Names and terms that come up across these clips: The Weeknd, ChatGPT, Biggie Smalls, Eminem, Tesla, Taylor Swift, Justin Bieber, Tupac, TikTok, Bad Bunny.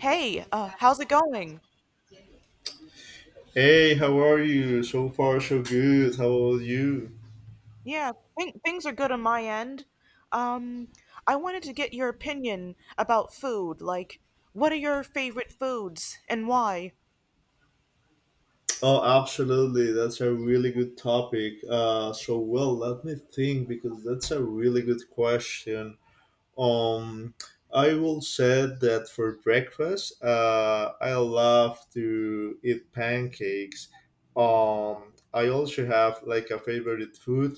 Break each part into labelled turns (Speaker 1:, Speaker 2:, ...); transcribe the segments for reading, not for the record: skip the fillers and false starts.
Speaker 1: How's it going?
Speaker 2: Hey, how are you? So far, so good. How about you?
Speaker 1: Yeah, Things are good on my end. Um, I wanted to get your opinion about food. Like, what are your favorite foods and why?
Speaker 2: Oh, absolutely. That's a really good topic. So well, let me think because that's a really good question. Um, I will say that for breakfast, I love to eat pancakes. I also have like a favorite food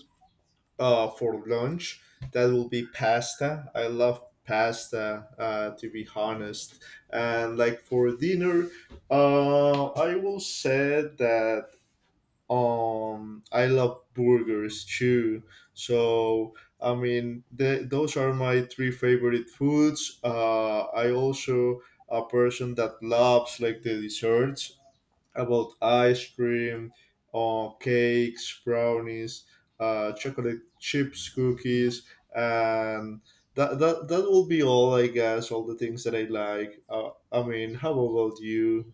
Speaker 2: for lunch. That will be pasta. I love pasta, to be honest. And like for dinner, I will say that I love burgers too. So I mean, those are my three favorite foods. I also a person that loves like the desserts about ice cream, or cakes, brownies, chocolate chips, cookies, and that will be all, I guess. All the things that I like. I mean, how about you?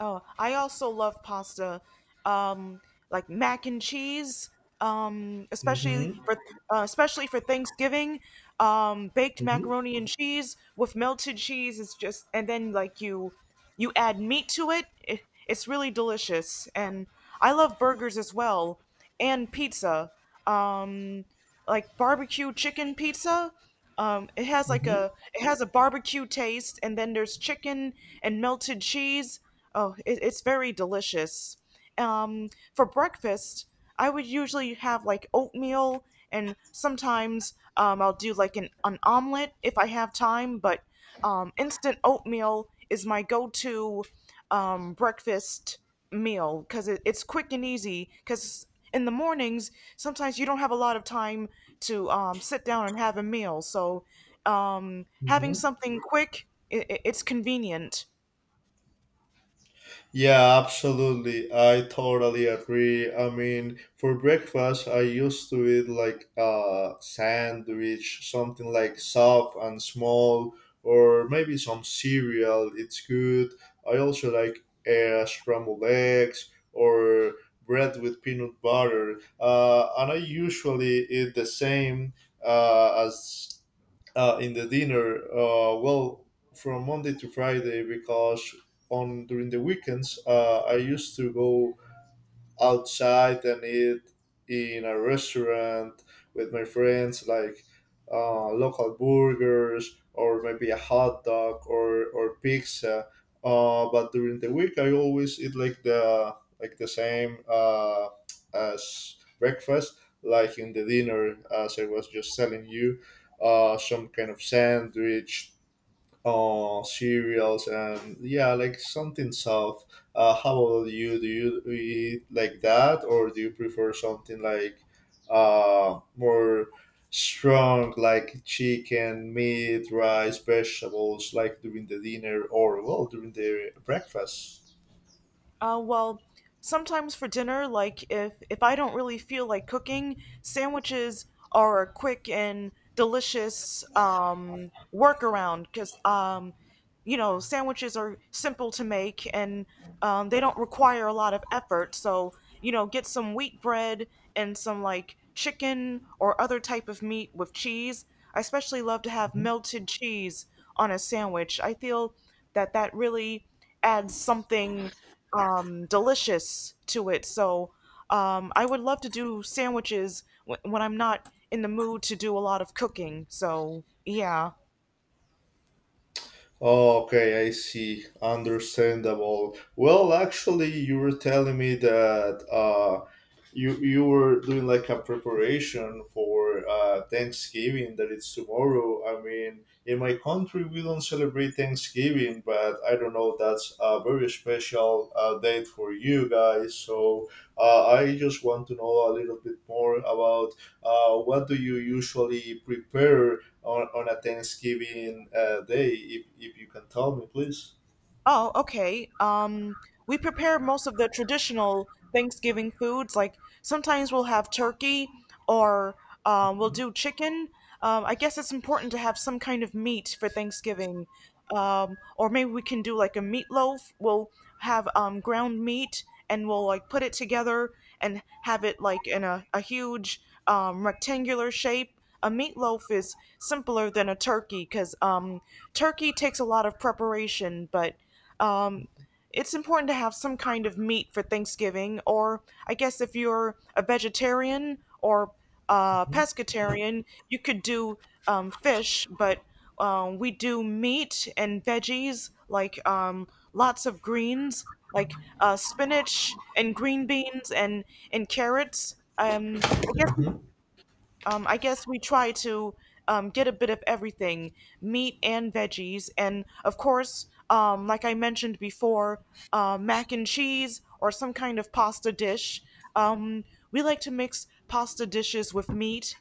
Speaker 1: Oh, I also love pasta, um, like mac and cheese, um, especially
Speaker 2: Mm-hmm.
Speaker 1: for especially for Thanksgiving. Baked
Speaker 2: Mm-hmm.
Speaker 1: macaroni and cheese with melted cheese is just, and then like you add meat to it. It's really delicious, and I love burgers as well and pizza, um, like barbecue chicken pizza. It has like
Speaker 2: Mm-hmm.
Speaker 1: a it has a barbecue taste, and then there's chicken and melted cheese. It's very delicious. Um, for breakfast, I would usually have like oatmeal, and sometimes I'll do like an omelet if I have time. But instant oatmeal is my go-to breakfast meal because it's quick and easy. Because in the mornings, sometimes you don't have a lot of time to sit down and have a meal. So having
Speaker 2: Mm-hmm.
Speaker 1: something quick, it's convenient.
Speaker 2: Yeah, absolutely. I totally agree. I mean, for breakfast, I used to eat like a sandwich, something like soft and small, or maybe some cereal. It's good. I also like scrambled eggs or bread with peanut butter. And I usually eat the same as in the dinner, well, from Monday to Friday, because on during the weekends I used to go outside and eat in a restaurant with my friends, like local burgers or maybe a hot dog or pizza. But during the week, I always eat like the same as breakfast, like in the dinner, as I was just telling you, some kind of sandwich, cereals, and yeah, like something soft. How about you? Do you eat like that, or do you prefer something like more strong, like chicken, meat, rice, vegetables, like during the dinner, or well, during the breakfast?
Speaker 1: Well, sometimes for dinner, like if I don't really feel like cooking, sandwiches are a quick and delicious workaround because you know sandwiches are simple to make and they don't require a lot of effort. So you know, get some wheat bread and some like chicken or other type of meat with cheese. I especially love to have
Speaker 2: Mhm.
Speaker 1: melted cheese on a sandwich. I feel that that really adds something delicious to it. So I would love to do when I'm not in the mood to do a lot of cooking. So yeah.
Speaker 2: Okay, I see. Understandable. Well, actually, you were telling me that you were doing like a preparation for Thanksgiving, that it's tomorrow. I mean, in my country we don't celebrate Thanksgiving, but I don't know, that's a very special date for you guys. So I just want to know a little bit more about what do you usually prepare on a Thanksgiving day, if you can tell me, please.
Speaker 1: Oh, okay. We prepare most of the traditional Thanksgiving foods. Like sometimes we'll have turkey or we'll do chicken. I guess it's important to have some kind of meat for Thanksgiving. Or maybe we can do like a meatloaf. We'll have ground meat and we'll like put it together and have it like in a huge rectangular shape. A meatloaf is simpler than a turkey because turkey takes a lot of preparation, but um, it's important to have some kind of meat for Thanksgiving, or I guess if you're a vegetarian or a
Speaker 2: Mhm.
Speaker 1: pescatarian, you could do fish, but we do meat and veggies, like lots of greens, like spinach and green beans and carrots. I guess we try to get a bit of everything meat and veggies. And of course, like I mentioned before, mac and cheese or some kind of pasta dish. Um, we like to mix pasta dishes with meat,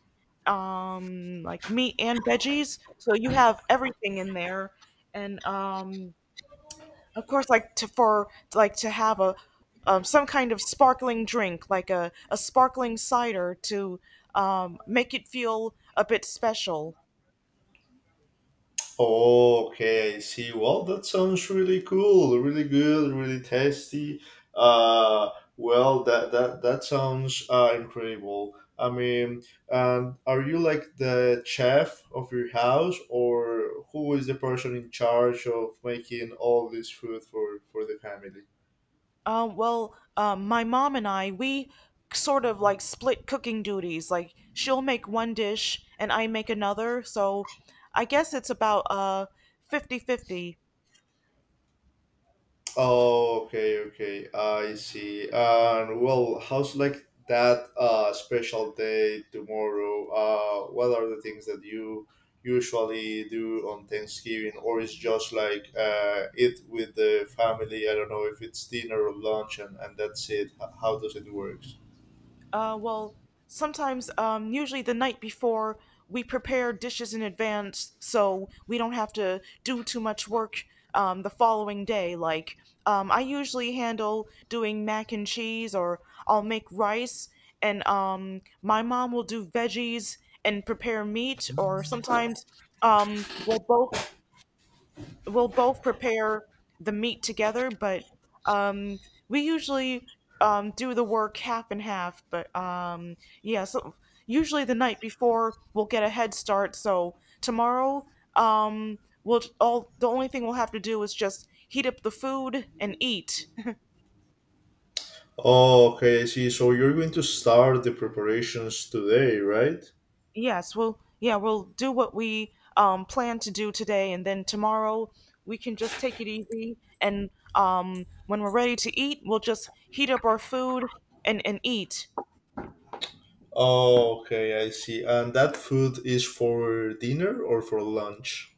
Speaker 1: like meat and veggies. So you have everything in there. And of course, like to for like to have a some kind of sparkling drink, like a sparkling cider, to make it feel a bit special.
Speaker 2: Okay, I see. Well, that sounds really cool, really good, really tasty. Uh, well, that sounds incredible. I mean, and are you like the chef of your house, or who is the person in charge of making all this food for the family?
Speaker 1: Well, my mom and I we sort of like split cooking duties. Like she'll make one dish and I make another, so I guess it's about 50 fifty.
Speaker 2: Oh, okay, okay. I see. And well, how's like that special day tomorrow? What are the things that you usually do on Thanksgiving, or is just like it with the family? I don't know if it's dinner or lunch, and that's it. How does it work?
Speaker 1: Well, sometimes, usually the night before, we prepare dishes in advance so we don't have to do too much work the following day. Like, I usually handle doing mac and cheese, or I'll make rice, and my mom will do veggies and prepare meat, or sometimes um, we'll both we'll both prepare the meat together, but um, we usually do the work half and half. But Yeah, so usually the night before we'll get a head start. So tomorrow, we'll all the only thing we'll have to do is just heat up the food and eat.
Speaker 2: Oh, okay, I see. So you're going to start the preparations today, right?
Speaker 1: Yes, we'll Yeah, we'll do what we plan to do today, and then tomorrow we can just take it easy, and when we're ready to eat, we'll just heat up our food and eat.
Speaker 2: Oh, okay, I see. And that food is for dinner or for lunch?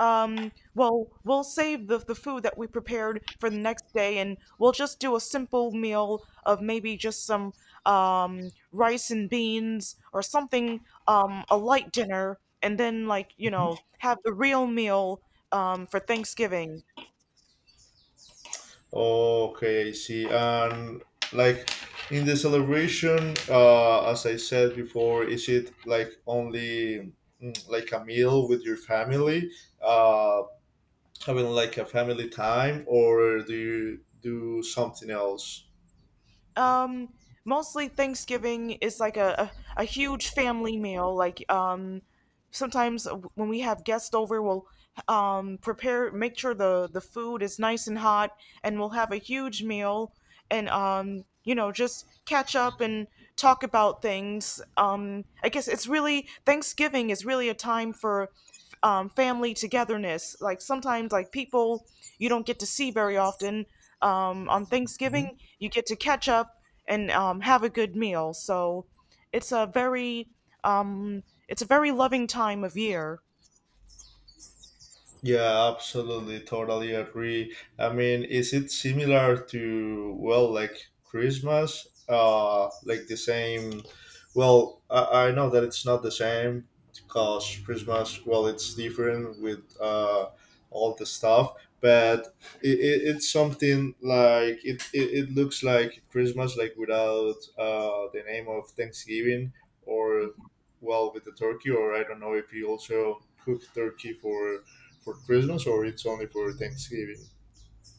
Speaker 1: Well, we'll save the food that we prepared for the next day and we'll just do a simple meal of maybe just some rice and beans or something, a light dinner, and then like, you know, have the real meal for Thanksgiving.
Speaker 2: Okay, I see. And like in the celebration, as I said before, is it like only like a meal with your family, uh, having like a family time, or do you do something else?
Speaker 1: Um, Mostly Thanksgiving is like a huge family meal. Like, sometimes when we have guests over we'll prepare make sure the food is nice and hot, and we'll have a huge meal, and you know, just catch up and talk about things. I guess it's really Thanksgiving is really a time for family togetherness. Like sometimes like people you don't get to see very often on Thanksgiving
Speaker 2: Hmm?
Speaker 1: you get to catch up and have a good meal. So it's a very it's a very loving time of year.
Speaker 2: Yeah, absolutely, totally agree. I mean, is it similar to, well, like Christmas? Like the same. Well, I know that it's not the same, because Christmas, well, it's different with all the stuff, but it's something like It looks like Christmas, like without the name of Thanksgiving, or, well, with the turkey. Or I don't know if you also cook turkey for Christmas, or it's only for Thanksgiving?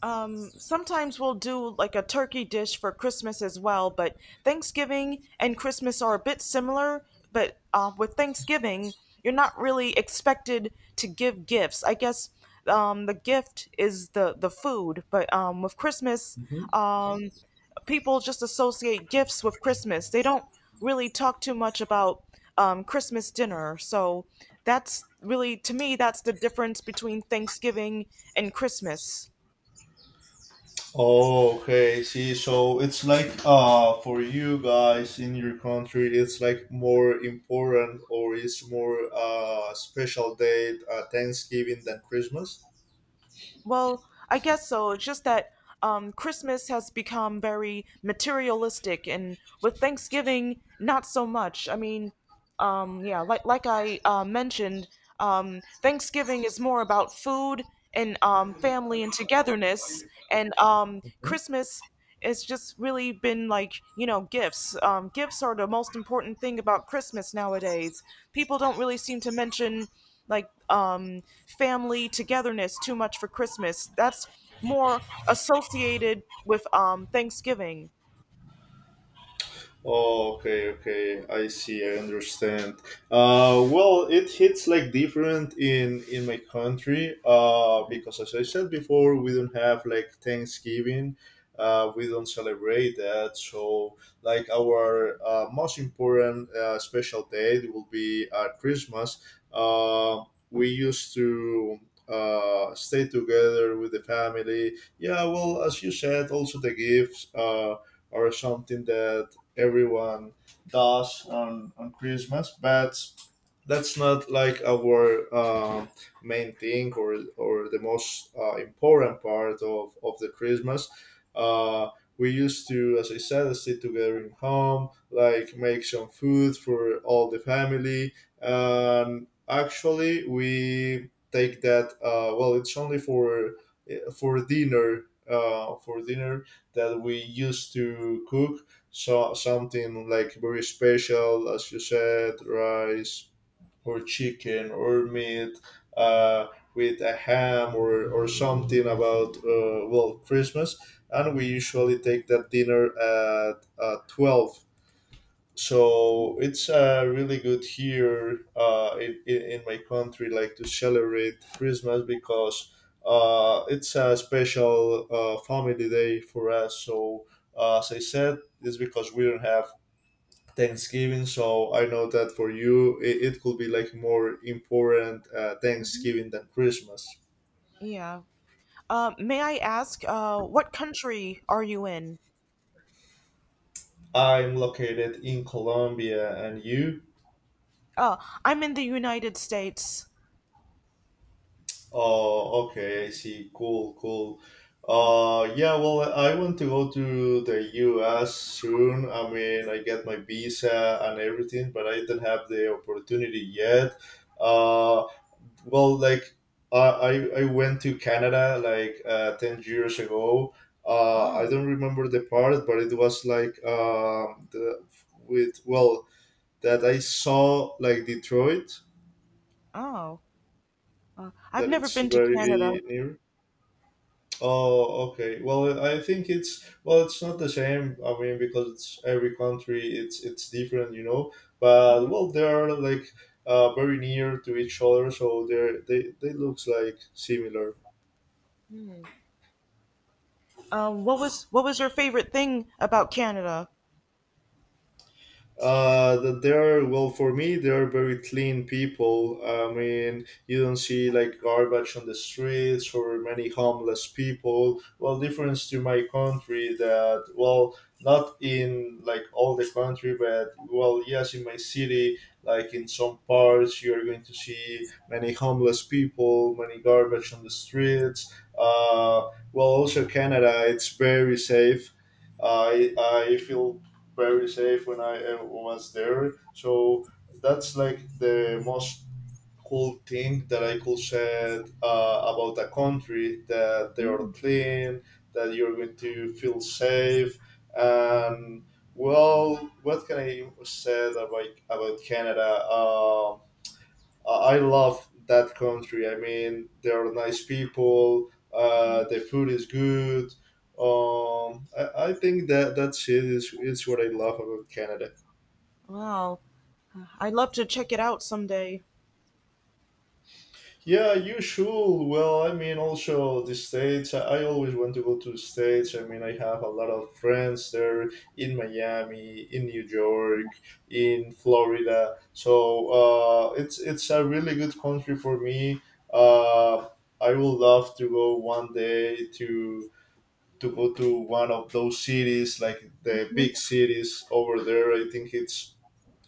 Speaker 1: Sometimes we'll do like a turkey dish for Christmas as well, but Thanksgiving and Christmas are a bit similar. But With Thanksgiving, you're not really expected to give gifts. I guess the gift is the food, but with Christmas,
Speaker 2: Mhm.
Speaker 1: um, people just associate gifts with Christmas. They don't really talk too much about Christmas dinner. So that's really, to me, that's the difference between Thanksgiving and Christmas.
Speaker 2: Okay, see, so it's like for you guys in your country, it's like more important, or it's more special date, Thanksgiving than Christmas.
Speaker 1: Well, I guess so. It's just that Christmas has become very materialistic, and with Thanksgiving, not so much. I mean, um, yeah, like like I uh, mentioned, Thanksgiving is more about food and family and togetherness, and
Speaker 2: Mhm.
Speaker 1: Christmas it's just really been like you know gifts. Gifts are the most important thing about Christmas nowadays. People don't really seem to mention like family togetherness too much for Christmas. That's more associated with Thanksgiving.
Speaker 2: Oh, okay, okay. I see. I understand. Well, it hits like different in my country. Because as I said before, we don't have like Thanksgiving. We don't celebrate that. So, like, our most important special day will be Christmas. Uh, we used to stay together with the family. Yeah. Well, as you said, also the gifts. Or something that everyone does on Christmas, but that's not like our main thing, or the most important part of the Christmas. Uh, we used to, as I said, sit together in home, like make some food for all the family. And actually, we take that, well, it's only for eh, for dinner for dinner that we used to cook, so something like very special, as you said, rice or chicken or meat, uh, with a ham, or something about well, Christmas, and we usually take that dinner at 12. So it's really good here in my country, like, to celebrate Christmas, because it's a special family day for us. So as I said, it's because we don't have Thanksgiving. So I know that for you, it could be like more important,
Speaker 1: hmm
Speaker 2: Thanksgiving than Christmas.
Speaker 1: yeah. May I ask what country are you in?
Speaker 2: I'm located in Colombia, and you?
Speaker 1: Oh, I'm in the United States.
Speaker 2: Oh, okay, I see. Cool, cool. Yeah, well, I want to go to the US soon. I mean, I get my visa and everything, but I do not have the opportunity yet. Uh, well, like, I went to Canada like 10 years ago.
Speaker 1: oh
Speaker 2: I don't remember the part, but it was like the, with, well, that I saw, like, Detroit,
Speaker 1: oh I've
Speaker 2: that
Speaker 1: never
Speaker 2: it's
Speaker 1: been to Canada.
Speaker 2: very near. Oh, okay. Well, I think it's, well, it's not the same. I mean, because it's every country, it's different, you know. But well, they are like very near to each other, so they looks like similar.
Speaker 1: What was your favorite thing about Canada?
Speaker 2: That they are, well, for me, they are very clean people. I mean, you don't see like garbage on the streets or many homeless people. Well, difference to my country that, well, not in like all the country, but, well, yes, in my city, like, in some parts, you are going to see many homeless people, many garbage on the streets. Well, also Canada, it's very safe. I feel very safe when I was there. So that's like the most cool thing that I could say about a country, that they are clean, that you're going to feel safe, and, well, what can I say about Canada? I love that country. I mean, there are nice people. The food is good. I think that that shit is what I love about Canada.
Speaker 1: Well, I'd love to check it out someday.
Speaker 2: Yeah, you should. Well, I mean, also the States. I always want to go to the States. I mean, I have a lot of friends there, in Miami, in New York, in Florida. So it's a really good country for me. Uh, I would love to go one day to go to one of those cities, like the
Speaker 1: Mhm.
Speaker 2: big cities over there. I think it's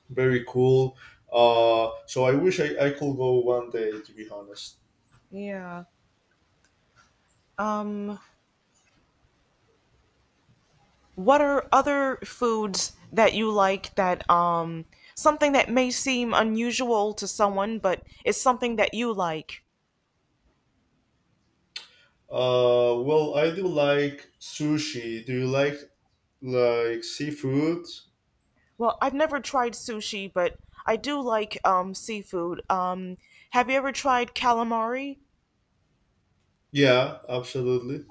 Speaker 2: very cool. So I wish I could go one day, to be honest.
Speaker 1: Yeah. Um, what are other foods that you like that something that may seem unusual to someone, but it's something that you like?
Speaker 2: Well, I do like sushi. Do you like seafood?
Speaker 1: Well, I've never tried sushi, but I do like seafood. Have you ever tried calamari?
Speaker 2: Yeah, absolutely.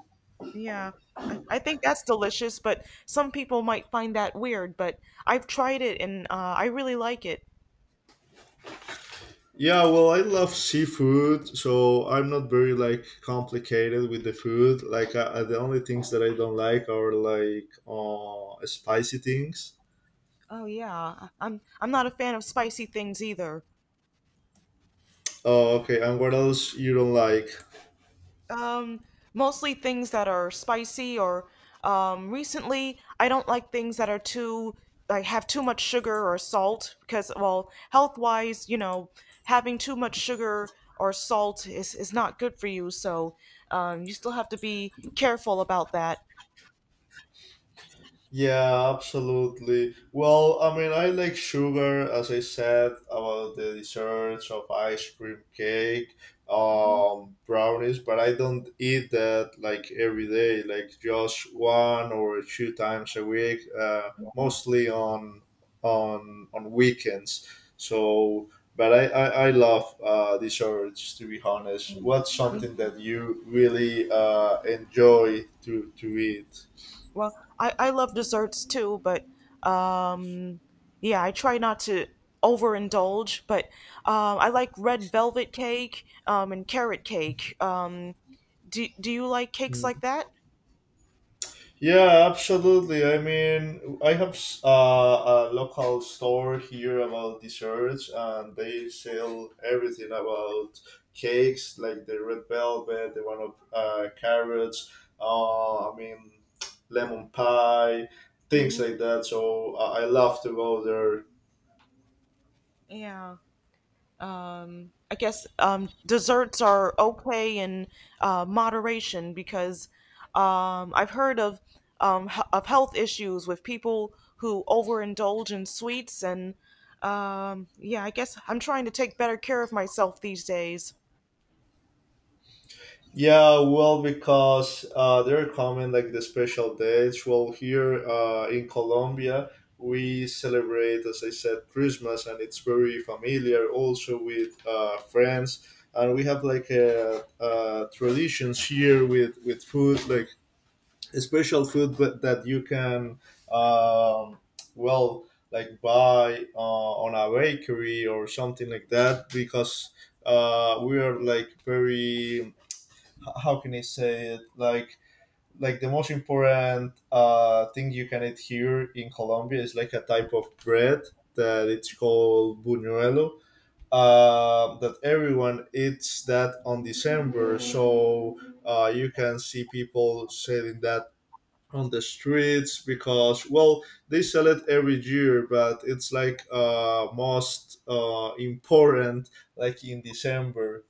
Speaker 1: Yeah, I think that's delicious, but some people might find that weird, but I've tried it and I really like it.
Speaker 2: Yeah, well, I love seafood, so I'm not very like complicated with the food. Like, the only things that I don't like are like spicy things.
Speaker 1: Oh yeah, I'm not a fan of spicy things either.
Speaker 2: Oh, okay. And what else you don't like?
Speaker 1: Um, mostly things that are spicy or recently I don't like things that are too like have too much sugar or salt because well, health-wise, you know, having too much sugar or salt is not good for you, so you still have to be careful about that.
Speaker 2: Yeah, absolutely. Well, I mean, I like sugar, as I said, about the desserts of ice cream cake, brownies, but I don't eat that like every day, like just one or two times a week, mostly on weekends. So, but I love desserts, to be honest. What's something that you really enjoy to eat?
Speaker 1: Well, I love desserts too, but um, yeah, I try not to overindulge. But I like red velvet cake and carrot cake. Do you like cakes like that?
Speaker 2: Yeah, absolutely. I mean, I have a local store here about desserts, and they sell everything about cakes, like the red velvet, the one of carrots. I mean, lemon pie, things
Speaker 1: Mhm.
Speaker 2: like that. So I love to go there.
Speaker 1: Yeah. Desserts are okay in moderation because I've heard of of health issues with people who overindulge in sweets, and yeah, I guess I'm trying to take better care of myself these days.
Speaker 2: Yeah, well, because they're common, like the special dates. Well, here in Colombia, we celebrate, as I said, Christmas, and it's very familiar also with friends. And we have, like, traditions here with food, like a special food that you can, um, well, like, buy on a bakery or something like that, because we are, like, very, how can I say it? Like the most important thing you can eat here in Colombia is like a type of bread that it's called buñuelo. That everyone eats that on December, so you can see people selling that on the streets because well they sell it every year, but it's like most important like in December.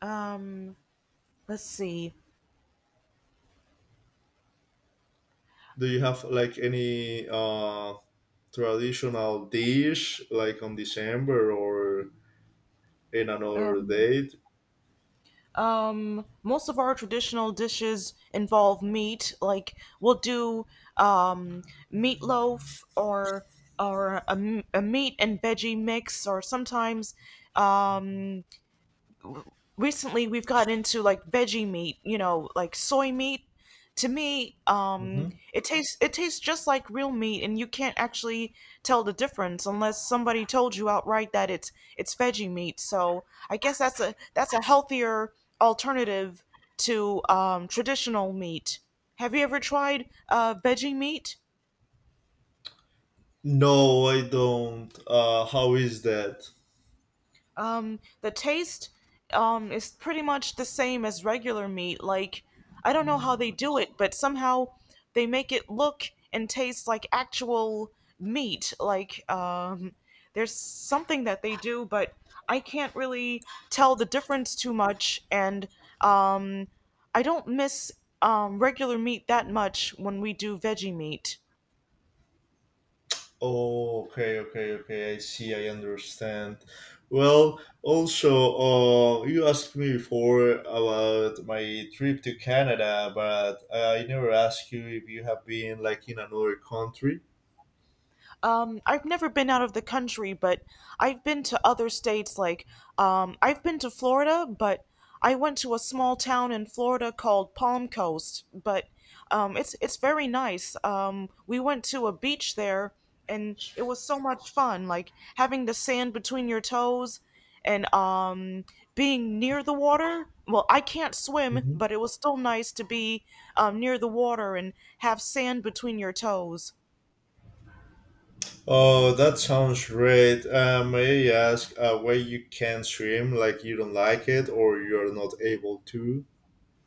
Speaker 1: Um, let's see.
Speaker 2: Do you have like any traditional dish like on December or in
Speaker 1: Oh.
Speaker 2: another date?
Speaker 1: Most of our traditional dishes involve meat. Like we'll do um, meatloaf or a meat and veggie mix, or sometimes um, recently we've gotten into like veggie meat, you know, like soy meat. To me,
Speaker 2: Hmm.
Speaker 1: it tastes just like real meat, and you can't actually tell the difference unless somebody told you outright that it's veggie meat. So I guess that's a healthier alternative to traditional meat. Have you ever tried veggie meat?
Speaker 2: No, I don't. How is that?
Speaker 1: The taste is pretty much the same as regular meat. Like I don't know how they do it, but somehow they make it look and taste like actual meat. Like there's something that they do, but I can't really tell the difference too much, and um I don't miss regular meat that much when we do veggie meat.
Speaker 2: Oh, okay, okay, okay. I see. I understand. Well, also, you asked me before about my trip to Canada, but I never asked you if you have been like in another country.
Speaker 1: I've never been out of the country, but I've been to other states. Like, I've been to Florida, but I went to a small town in Florida called Palm Coast. But It's very nice. We went to a beach there, and it was so much fun. Like having the sand between your toes, and being near the water. Well, I can't swim, but it was still nice to be near the water and have sand between your toes.
Speaker 2: Oh, that sounds great. May I ask why you can't swim? Like, you don't like it, or you're not able to?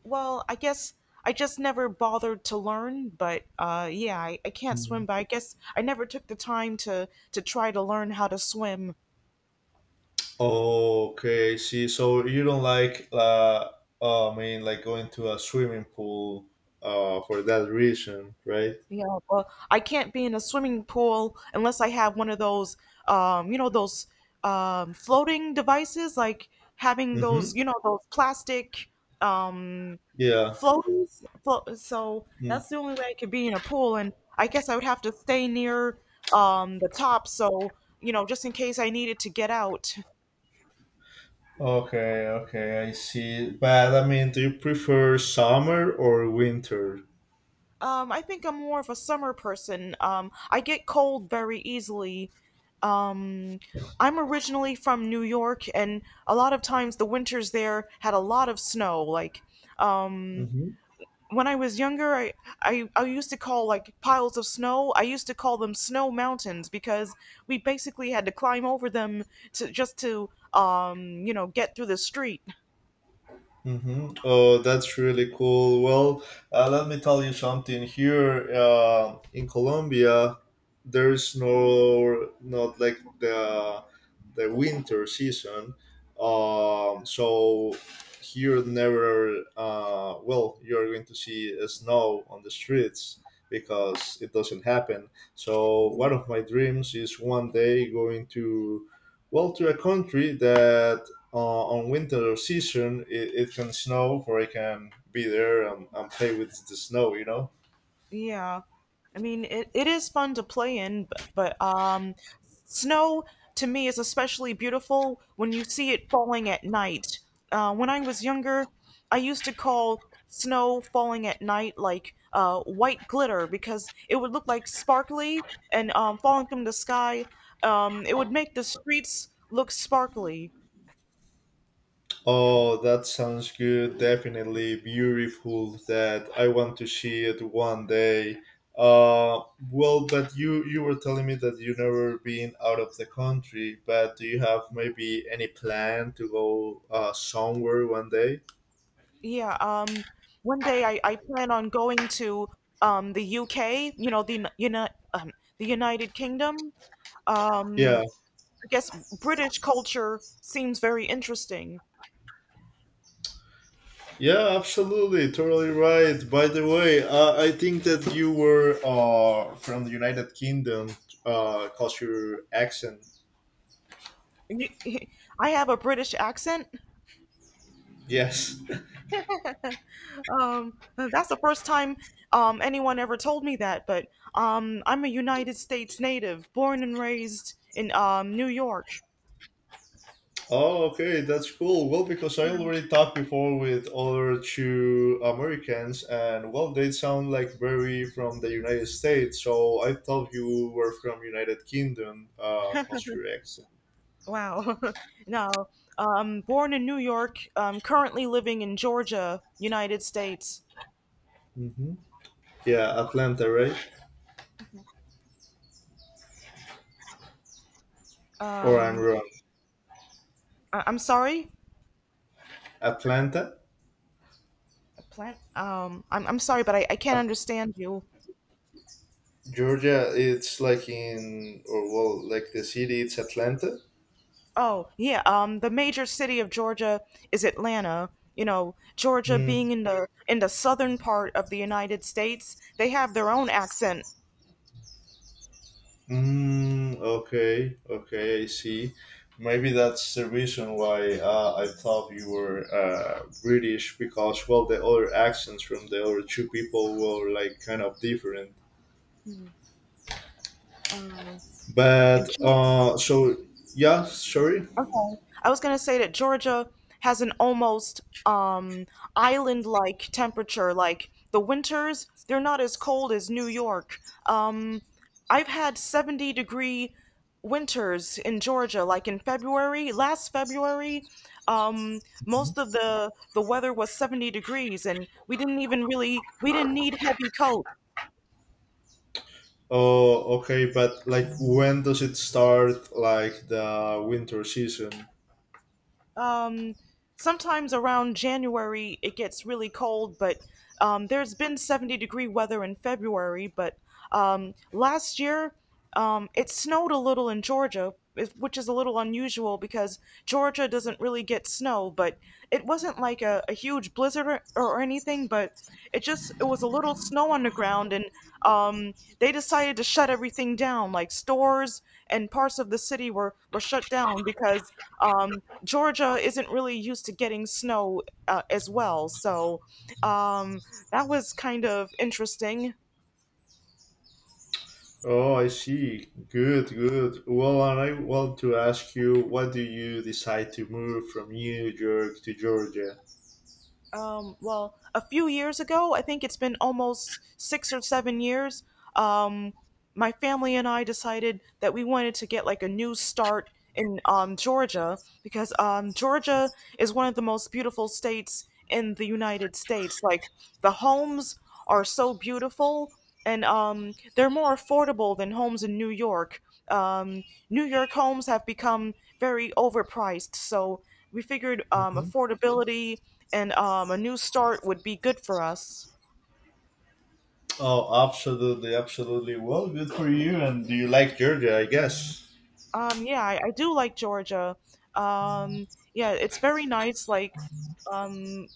Speaker 1: Well, I guess I just never bothered to learn, but I can't swim,
Speaker 2: Mhm.
Speaker 1: but I guess I never took the time to try to learn how to swim.
Speaker 2: Okay, see, so you don't like, I mean, like going to a swimming pool, for that reason, right?
Speaker 1: Yeah, well, I can't be in a swimming pool unless I have one of those, you know, those floating devices, like having
Speaker 2: Mm-hmm.
Speaker 1: those, those plastic um,
Speaker 2: Yeah.
Speaker 1: floaties. So
Speaker 2: Mm.
Speaker 1: that's the only way I could be in a pool, and I guess I would have to stay near the top, so just in case I needed to get out.
Speaker 2: Okay, okay, I see. But I mean, do you prefer summer or winter?
Speaker 1: I think I'm more of a summer person. I get cold very easily. Um, I'm originally from New York, and a lot of times the winters there had a lot of snow. Um,
Speaker 2: Mm-hmm.
Speaker 1: when I was younger, I used to call like piles of snow, I used to call them snow mountains because we basically had to climb over them to just to, get through the street.
Speaker 2: Mm-hmm. Oh, that's really cool. Well, let me tell you something. Here in Colombia, there's no not like the winter season. So here never. Well, you're going to see snow on the streets because it doesn't happen. So one of my dreams is one day going to, well, to a country that on winter season it, it can snow, or I can be there and play with the snow, you know.
Speaker 1: Yeah, I mean, it is fun to play in, but snow to me is especially beautiful when you see it falling at night. When I was younger, I used to call snow falling at night like white glitter because it would look like sparkly and falling from the sky. It would make the streets look sparkly.
Speaker 2: Oh, that sounds good, definitely beautiful. That I want to see it one day. uh well, but you were telling me that you never been out of the country, but do you have maybe any plan to go somewhere one day?
Speaker 1: Yeah, um, One day I plan on going to the UK, um the United Kingdom. Um,
Speaker 2: Yeah.
Speaker 1: I guess British culture seems very interesting.
Speaker 2: Yeah, absolutely, totally right. By the way, I think that you were from the United Kingdom, culture accent.
Speaker 1: You- I have a British accent.
Speaker 2: Yes.
Speaker 1: That's the first time anyone ever told me that, but I'm a United States native, born and raised in New York.
Speaker 2: Oh, okay, that's cool. Well, because I already talked before with other two Americans, and well, they sound like very from the United States. So I thought you were from United Kingdom, culture accent.
Speaker 1: Wow. Now, born in New York, currently living in Georgia, United States.
Speaker 2: Hmm. Yeah, Atlanta, right? Or I'm
Speaker 1: Um,
Speaker 2: wrong.
Speaker 1: I'm sorry.
Speaker 2: Atlanta.
Speaker 1: Plant. I'm sorry, but I can't understand you.
Speaker 2: Georgia, it's like in, or well, like the city, it's Atlanta.
Speaker 1: Oh yeah. The major city of Georgia is Atlanta. You know, Georgia
Speaker 2: Mm,
Speaker 1: being in the southern part of the United States, they have their own accent.
Speaker 2: mm, okay, okay, I see. Maybe that's the reason why I thought you were British because, well, the other accents from the other two people were like kind of different.
Speaker 1: Uh,
Speaker 2: But, so, yeah, sorry.
Speaker 1: Okay. I was gonna say that Georgia has an almost um island-like temperature. Like the winters, they're not as cold as New York. Um, I've had 70-degree winters in Georgia. Like in February, last February, um, most of the weather was 70 degrees, and we didn't need heavy coat.
Speaker 2: Oh, okay, but like when does it start, like the winter season?
Speaker 1: Um, Sometimes around January it gets really cold, but there's been 70-degree weather in February. But last year it snowed a little in Georgia, which is a little unusual because Georgia doesn't really get snow. But it wasn't like a huge blizzard or anything, but it was a little snow on the ground and um, they decided to shut everything down like stores and parts of the city were shut down because um, Georgia isn't really used to getting snow as well. So um, that was kind of interesting.
Speaker 2: Oh, I see. Good, good. Well, and I want to ask you, what do you decide to move from New York to Georgia?
Speaker 1: Well, a few years ago, I think it's been almost six or seven years. Um, my family and I decided that we wanted to get like a new start in Georgia because Georgia is one of the most beautiful states in the United States. Like the homes are so beautiful and they're more affordable than homes in New York. New York homes have become very overpriced, so we figured
Speaker 2: Hmm.
Speaker 1: affordability and a new start would be good for us.
Speaker 2: Oh, absolutely, absolutely. Well, good for you. And do you like Georgia? I guess.
Speaker 1: Yeah, I do like Georgia. Um, yeah, it's very nice. Um,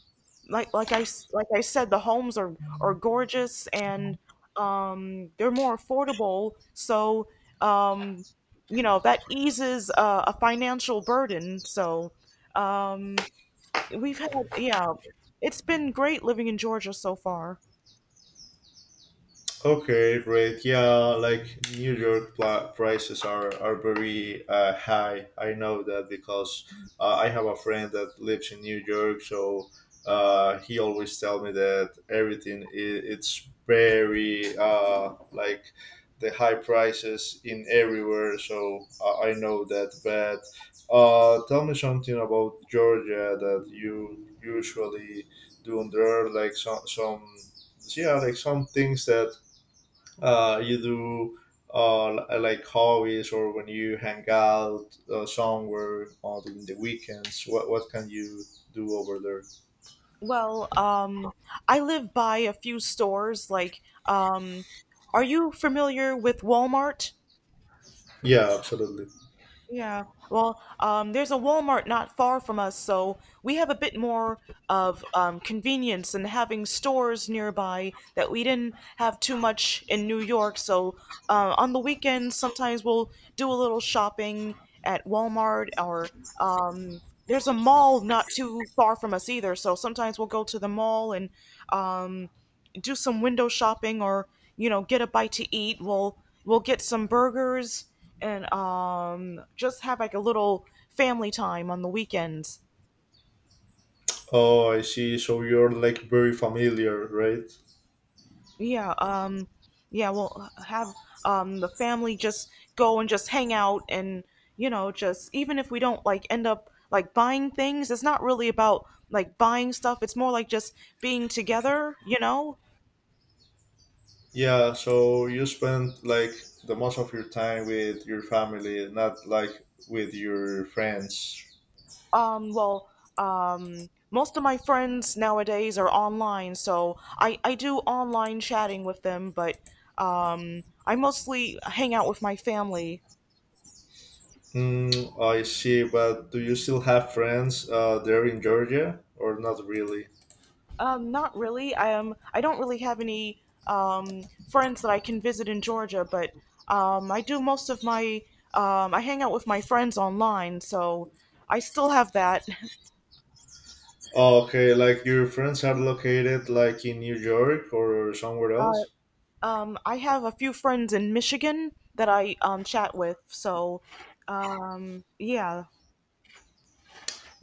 Speaker 1: like I said, the homes are gorgeous and they're more affordable. So, um, you know, that eases a financial burden. So, um, we've had yeah, it's been great living in Georgia so far.
Speaker 2: Okay, great. Yeah, like New York prices are very high. I know that because I have a friend that lives in New York, so he always tell me that everything it's very like the high prices in everywhere. So I know that. But tell me something about Georgia that you usually do there, like some yeah, like some things that you do like hobbies, or when you hang out somewhere on during the weekends, what can you do over there?
Speaker 1: Well, I live by a few stores. Um, are you familiar with Walmart?
Speaker 2: Yeah, absolutely.
Speaker 1: Yeah. Well, there's a Walmart not far from us, so we have a bit more of convenience and having stores nearby that we didn't have too much in New York. So on the weekends, sometimes we'll do a little shopping at Walmart or um, there's a mall not too far from us either. So sometimes we'll go to the mall and um, do some window shopping or you know, get a bite to eat. We'll get some burgers and just have like a little family time on the weekends.
Speaker 2: Oh, I see, so you're like very familiar, right?
Speaker 1: Yeah, yeah, we'll have the family just go and just hang out and you know, just even if we don't like end up like buying things, it's not really about like buying stuff. It's more like just being together, you know.
Speaker 2: Yeah, so you spend like the most of your time with your family, not like with your friends?
Speaker 1: Well, most of my friends nowadays are online, so I do online chatting with them, but I mostly hang out with my family.
Speaker 2: Mm, I see, but do you still have friends there in Georgia or not really?
Speaker 1: Not really. I don't really have any um, friends that I can visit in Georgia, but I do most of my I hang out with my friends online, so I still have that.
Speaker 2: Okay, like your friends are located like in New York or somewhere
Speaker 1: Uh,
Speaker 2: else?
Speaker 1: I have a few friends in Michigan that I chat with, so yeah.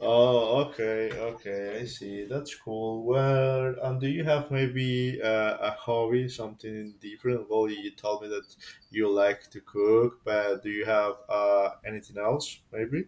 Speaker 2: Oh, okay, okay, I see. That's cool. Well, and do you have maybe a hobby, something different? Well, you told me that you like to cook, but do you have anything else, maybe?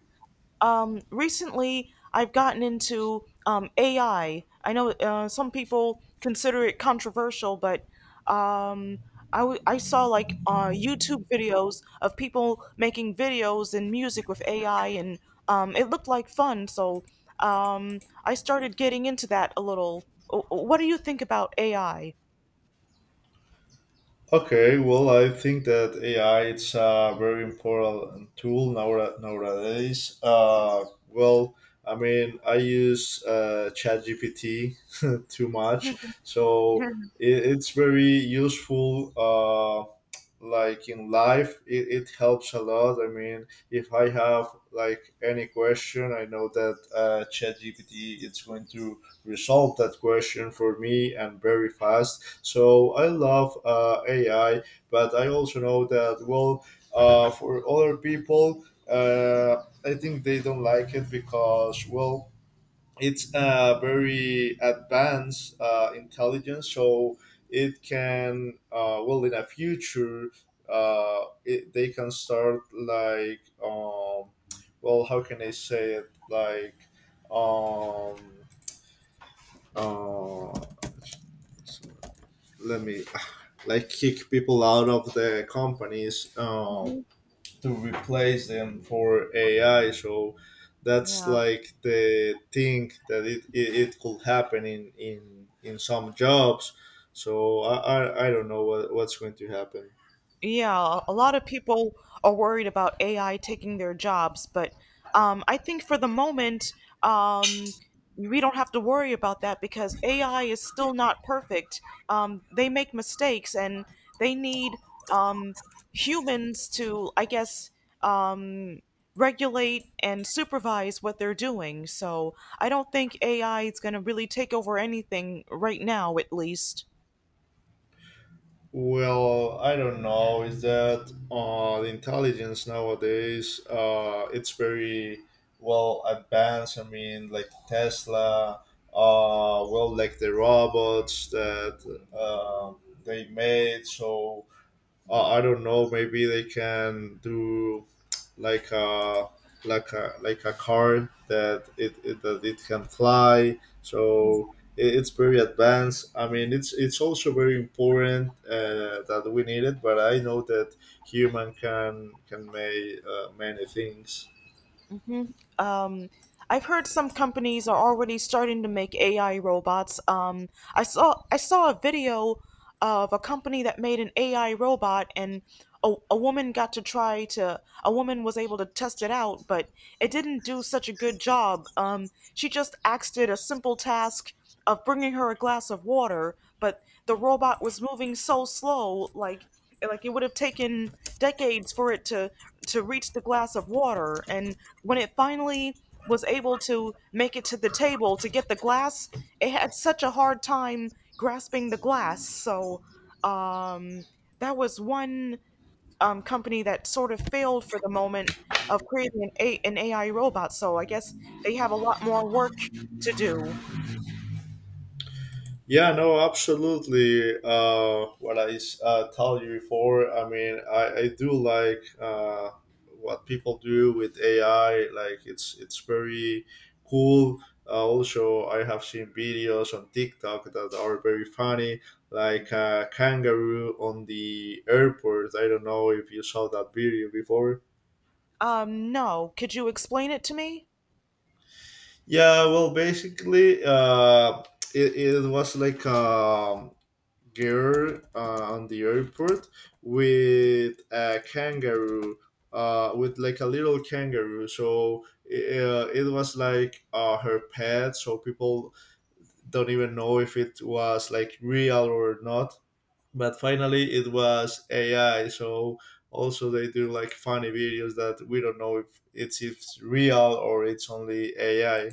Speaker 1: Recently I've gotten into AI. I know some people consider it controversial, but um, I saw like YouTube videos of people making videos and music with AI, and it looked like fun. So I started getting into that a little. What do you think about AI?
Speaker 2: Okay, well, I think that AI it's a very important tool nowadays. Well, I mean, I use ChatGPT too much, so it, it's very useful. Like in life it, it helps a lot. I mean, if I have like any question, I know that ChatGPT is going to resolve that question for me, and very fast, so I love AI. But I also know that, well, for other people, I think they don't like it because, well, it's a very advanced intelligence, so it can well in a future it, they can start like well how can I say it, like um, uh, let me like kick people out of the companies,
Speaker 1: Mhm.
Speaker 2: to replace them for AI. So that's
Speaker 1: Yeah.
Speaker 2: like the thing that it could happen in some jobs. So I don't know what, what's going to happen.
Speaker 1: Yeah, a lot of people are worried about AI taking their jobs, but I think for the moment, um, we don't have to worry about that because AI is still not perfect. They make mistakes and they need um, humans to, I guess, um, regulate and supervise what they're doing. So I don't think AI is going to really take over anything right now, at least.
Speaker 2: Well, I don't know. Is that the intelligence nowadays? It's very well advanced. I mean, like Tesla. Well, like the robots that they made. So I don't know. Maybe they can do like a like a car that it that it can fly. So it, it's very advanced. I mean, it's also very important that we need it. But I know that human can make many things.
Speaker 1: Hmm. Um, I've heard some companies are already starting to make AI robots. I saw a video of a company that made an AI robot, and a woman got to try to a woman was able to test it out, but it didn't do such a good job. She just asked it a simple task of bringing her a glass of water, but the robot was moving so slow. Like it would have taken decades for it to reach the glass of water, and when it finally was able to make it to the table to get the glass, it had such a hard time grasping the glass. So um that was one company that sort of failed for the moment of creating an AI robot. So I guess they have a lot more work to do.
Speaker 2: Yeah, no, absolutely. Told you before, I mean, I do like what people do with AI. Like, it's very cool. Also, I have seen videos on TikTok that are very funny, like a kangaroo on the airport. I don't know if you saw that video before.
Speaker 1: No, could you explain it to me?
Speaker 2: Yeah, well, basically, it, it was like. Girl on the airport with a kangaroo with like a little kangaroo, so it was like her pet, so people don't even know if it was like real or not, but finally it was AI, so also they do like funny videos that we don't know if if it's real or it's only AI.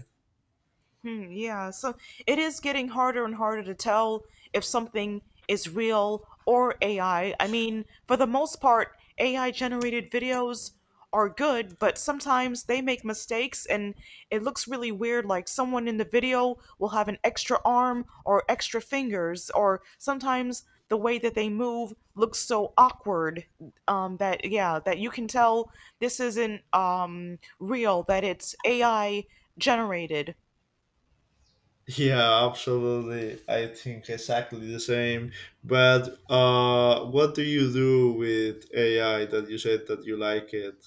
Speaker 1: Hmm, yeah, so it is getting harder and harder to tell if something is real or AI. I mean, for the most part, AI generated videos are good, but sometimes they make mistakes and it looks really weird. Like someone in the video will have an extra arm or extra fingers, or sometimes the way that they move looks so awkward that, yeah, that you can tell this isn't real, that it's AI generated.
Speaker 2: Yeah, absolutely. I think exactly the same. But what do you do with AI that you said that you like it?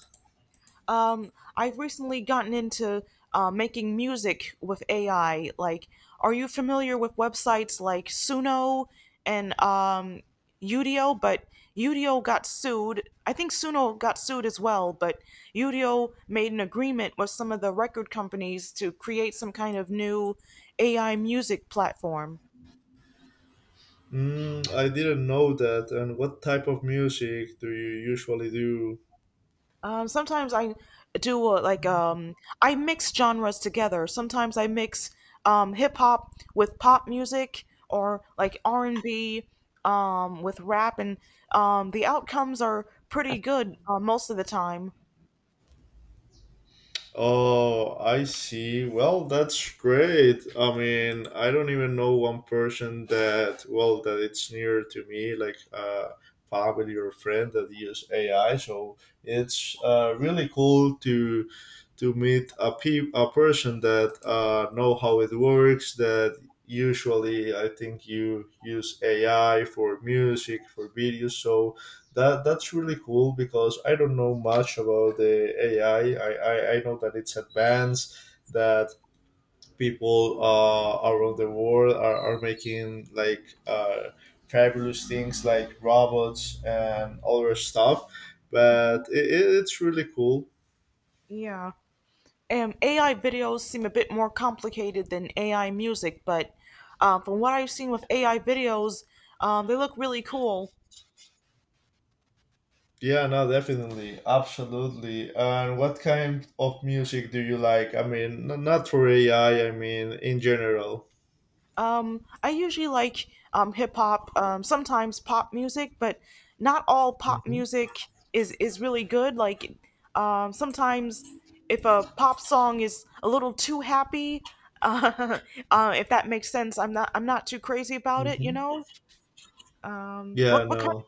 Speaker 1: Um, I've recently gotten into making music with AI. Like, are you familiar with websites like Suno and Udio? But Udio got sued. I think Suno got sued as well, but Udio made an agreement with some of the record companies to create some kind of new AI music platform.
Speaker 2: Mm, I didn't know that. And what type of music do you usually do?
Speaker 1: Sometimes I do I mix genres together. Sometimes I mix hip hop with pop music or like R&B with rap, and the outcomes are pretty good most of the time.
Speaker 2: Oh, I see. Well, that's great. I mean, I don't even know one person that, well, that it's near to me, like family or friend that use AI. So it's really cool to meet a, a person that know how it works, that usually I think you use AI for music, for videos. So that that's really cool because I don't know much about the AI. I know that it's advanced, that people around the world are making like fabulous things like robots and other stuff, but
Speaker 1: Hmm.
Speaker 2: it's really cool.
Speaker 1: Yeah, and AI videos seem a bit more complicated than AI music, but from what I've seen with AI videos, they look really cool.
Speaker 2: Yeah, no, definitely, absolutely. And what kind of music do you like? I mean, not for AI. I mean, in general.
Speaker 1: I usually like hip hop, sometimes pop music, but not all pop
Speaker 2: hmm
Speaker 1: music is really good. Sometimes if a pop song is a little too happy, uh, if that makes sense, I'm not too crazy about it. You
Speaker 2: hmm.
Speaker 1: know,
Speaker 2: Yeah,
Speaker 1: what kind?
Speaker 2: no.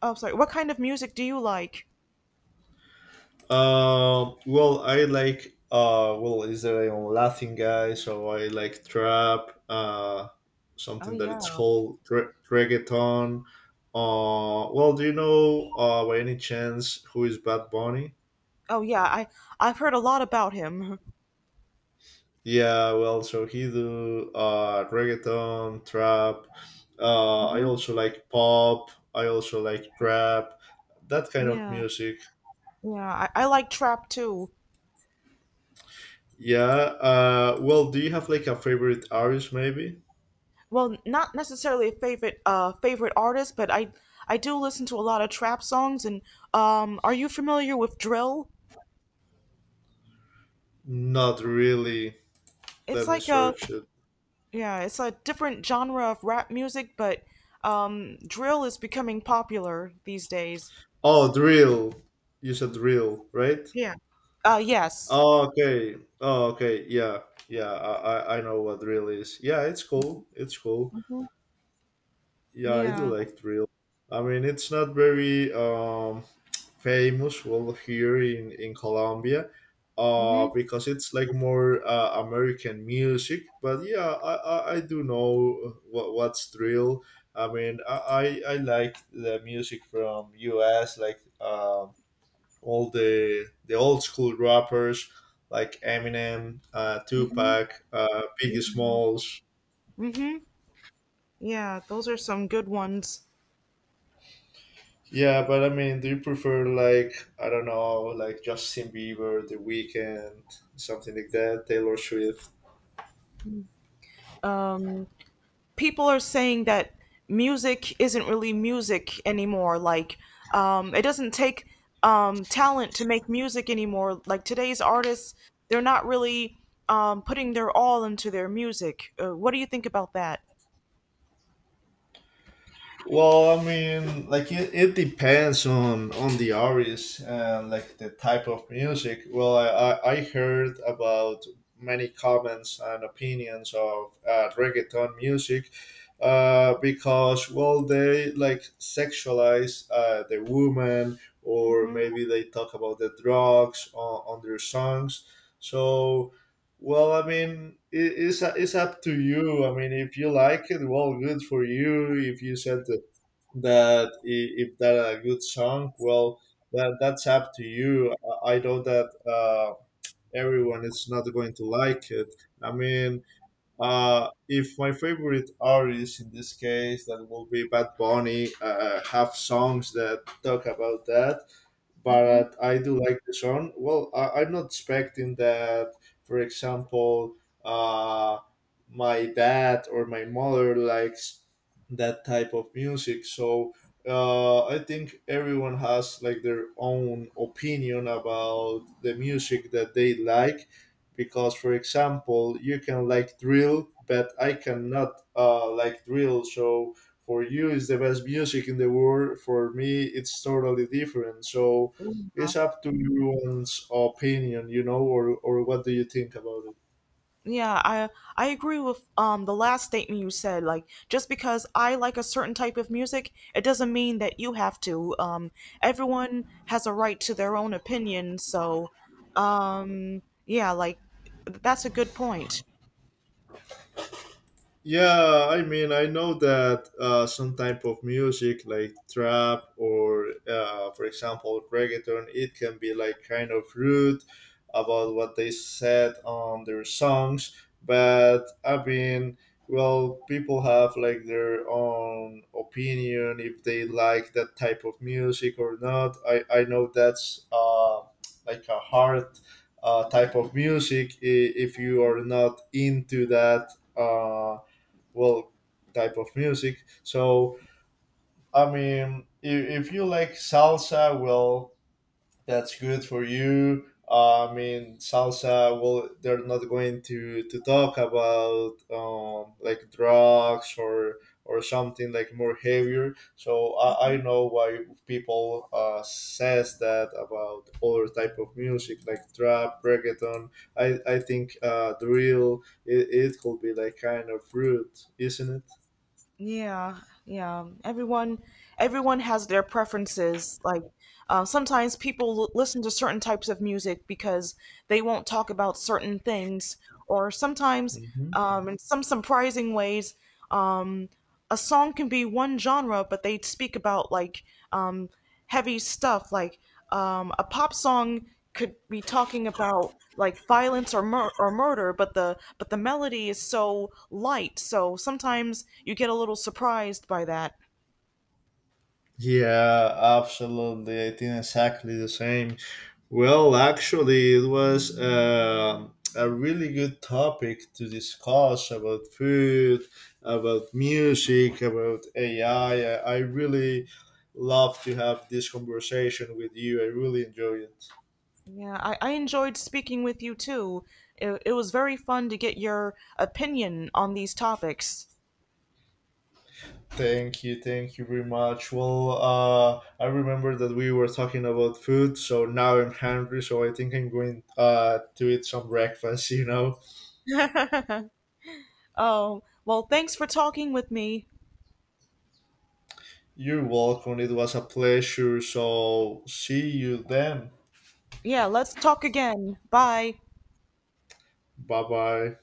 Speaker 1: Oh, sorry. What kind of music do you like?
Speaker 2: Well, I like. Well, is there a Latin guy? So I like trap.
Speaker 1: Oh
Speaker 2: Something that it's
Speaker 1: yeah.
Speaker 2: called reggaeton. Well, do you know? By any chance, who is Bad Bunny?
Speaker 1: Oh yeah. I've heard a lot about him.
Speaker 2: Yeah, well, so he do reggaeton, trap. I
Speaker 1: Hmm.
Speaker 2: also like pop. I also like rap, that kind of
Speaker 1: Yeah.
Speaker 2: music.
Speaker 1: Yeah. I like trap too.
Speaker 2: Yeah. Well, do you have like a favorite artist? Maybe
Speaker 1: Well, not necessarily a favorite artist, but I do listen to a lot of trap songs and are you familiar with drill?
Speaker 2: not really.
Speaker 1: It's
Speaker 2: Let me
Speaker 1: like a
Speaker 2: search it.
Speaker 1: yeah, it's a different genre of rap music, but drill is becoming popular these days.
Speaker 2: Oh, drill. You said
Speaker 1: Mhm.
Speaker 2: drill, right?
Speaker 1: Yeah. Uh, yes.
Speaker 2: Oh, okay. Oh, okay. Yeah, yeah. I know what drill is. Yeah, it's cool. It's cool.
Speaker 1: Hmm.
Speaker 2: Yeah, I do
Speaker 1: Yeah.
Speaker 2: like drill. I mean, it's not very famous, well, here in Colombia,
Speaker 1: Mhm.
Speaker 2: because it's like more American music. But yeah, I do know what what's drill. I mean, I like the music from U.S. like all the old school rappers like Eminem,
Speaker 1: Mhm.
Speaker 2: Tupac, Biggie
Speaker 1: Mhm.
Speaker 2: Smalls.
Speaker 1: Mhm. Yeah, those are some good ones.
Speaker 2: Yeah, but I mean, do you prefer like I don't know, like Justin Bieber, The Weeknd, something like that, Taylor Swift?
Speaker 1: Um People are saying that music isn't really music anymore. It doesn't take talent to make music anymore. Like today's artists, they're not really putting their all into their music. What do you think about that?
Speaker 2: Well, I mean, like it depends on the artist and like the type of music. Well, I heard about many comments and opinions of reggaeton music because well they like sexualize the woman, or
Speaker 1: Mm-hmm.
Speaker 2: maybe they talk about the drugs on their songs. So, well, I mean, it, it's up to you. I mean, if you like it, well, good for you. If you said that if that a good song, well that that's up to you. I know that everyone is not going to like it. I mean, if my favorite artist in this case that will be Bad Bunny have songs that talk about that,
Speaker 1: Mm-hmm.
Speaker 2: but I do like the song. Well, I, I'm not expecting that, for example, uh, my dad or my mother likes that type of music. So I think everyone has like their own opinion about the music that they like. Because, for example, you can like drill, but I cannot like drill. So for you, it's the best music in the world. For me, it's totally different. So it's up to everyone's opinion, you know, or what do you think about it?
Speaker 1: Yeah, I agree with the last statement you said. Like, just because I like a certain type of music, it doesn't mean that you have to. Everyone has a right to their own opinion, so yeah, like that's a good point.
Speaker 2: Yeah, I mean, I know that some type of music like trap, or, for example, reggaeton, it can be like kind of rude about what they said on their songs. But I mean, well, people have like their own opinion if they like that type of music or not. I know that's like a hard type of music if you are not into that. Well, type of music. So I mean, if you like salsa, well, that's good for you. I mean, salsa. Well, they're not going to talk about like drugs or something like more heavier. So I know why people says that about other type of music like trap, reggaeton. I think drill. It could be like kind of rude, isn't it?
Speaker 1: Yeah, yeah. Everyone has their preferences. Sometimes people listen to certain types of music because they won't talk about certain things, or sometimes,
Speaker 2: Mhm.
Speaker 1: in some surprising ways, um, a song can be one genre, but they speak about like um, heavy stuff. A pop song could be talking about like violence or murder, but the melody is so light. So sometimes you get a little surprised by that.
Speaker 2: Yeah, absolutely. I think exactly the same. Well, actually, it was a really good topic to discuss, about food, about music, about AI. I really love to have this conversation with you. I really enjoy it.
Speaker 1: Yeah, I enjoyed speaking with you too. It was very fun to get your opinion on these topics.
Speaker 2: Thank you very much. Well, I remember that we were talking about food, so now I'm hungry, so I think I'm going to eat some breakfast, you know?
Speaker 1: Oh, well, thanks for talking with me.
Speaker 2: You're welcome. It was a pleasure. So, see you then.
Speaker 1: Yeah, let's talk again. Bye.
Speaker 2: Bye bye.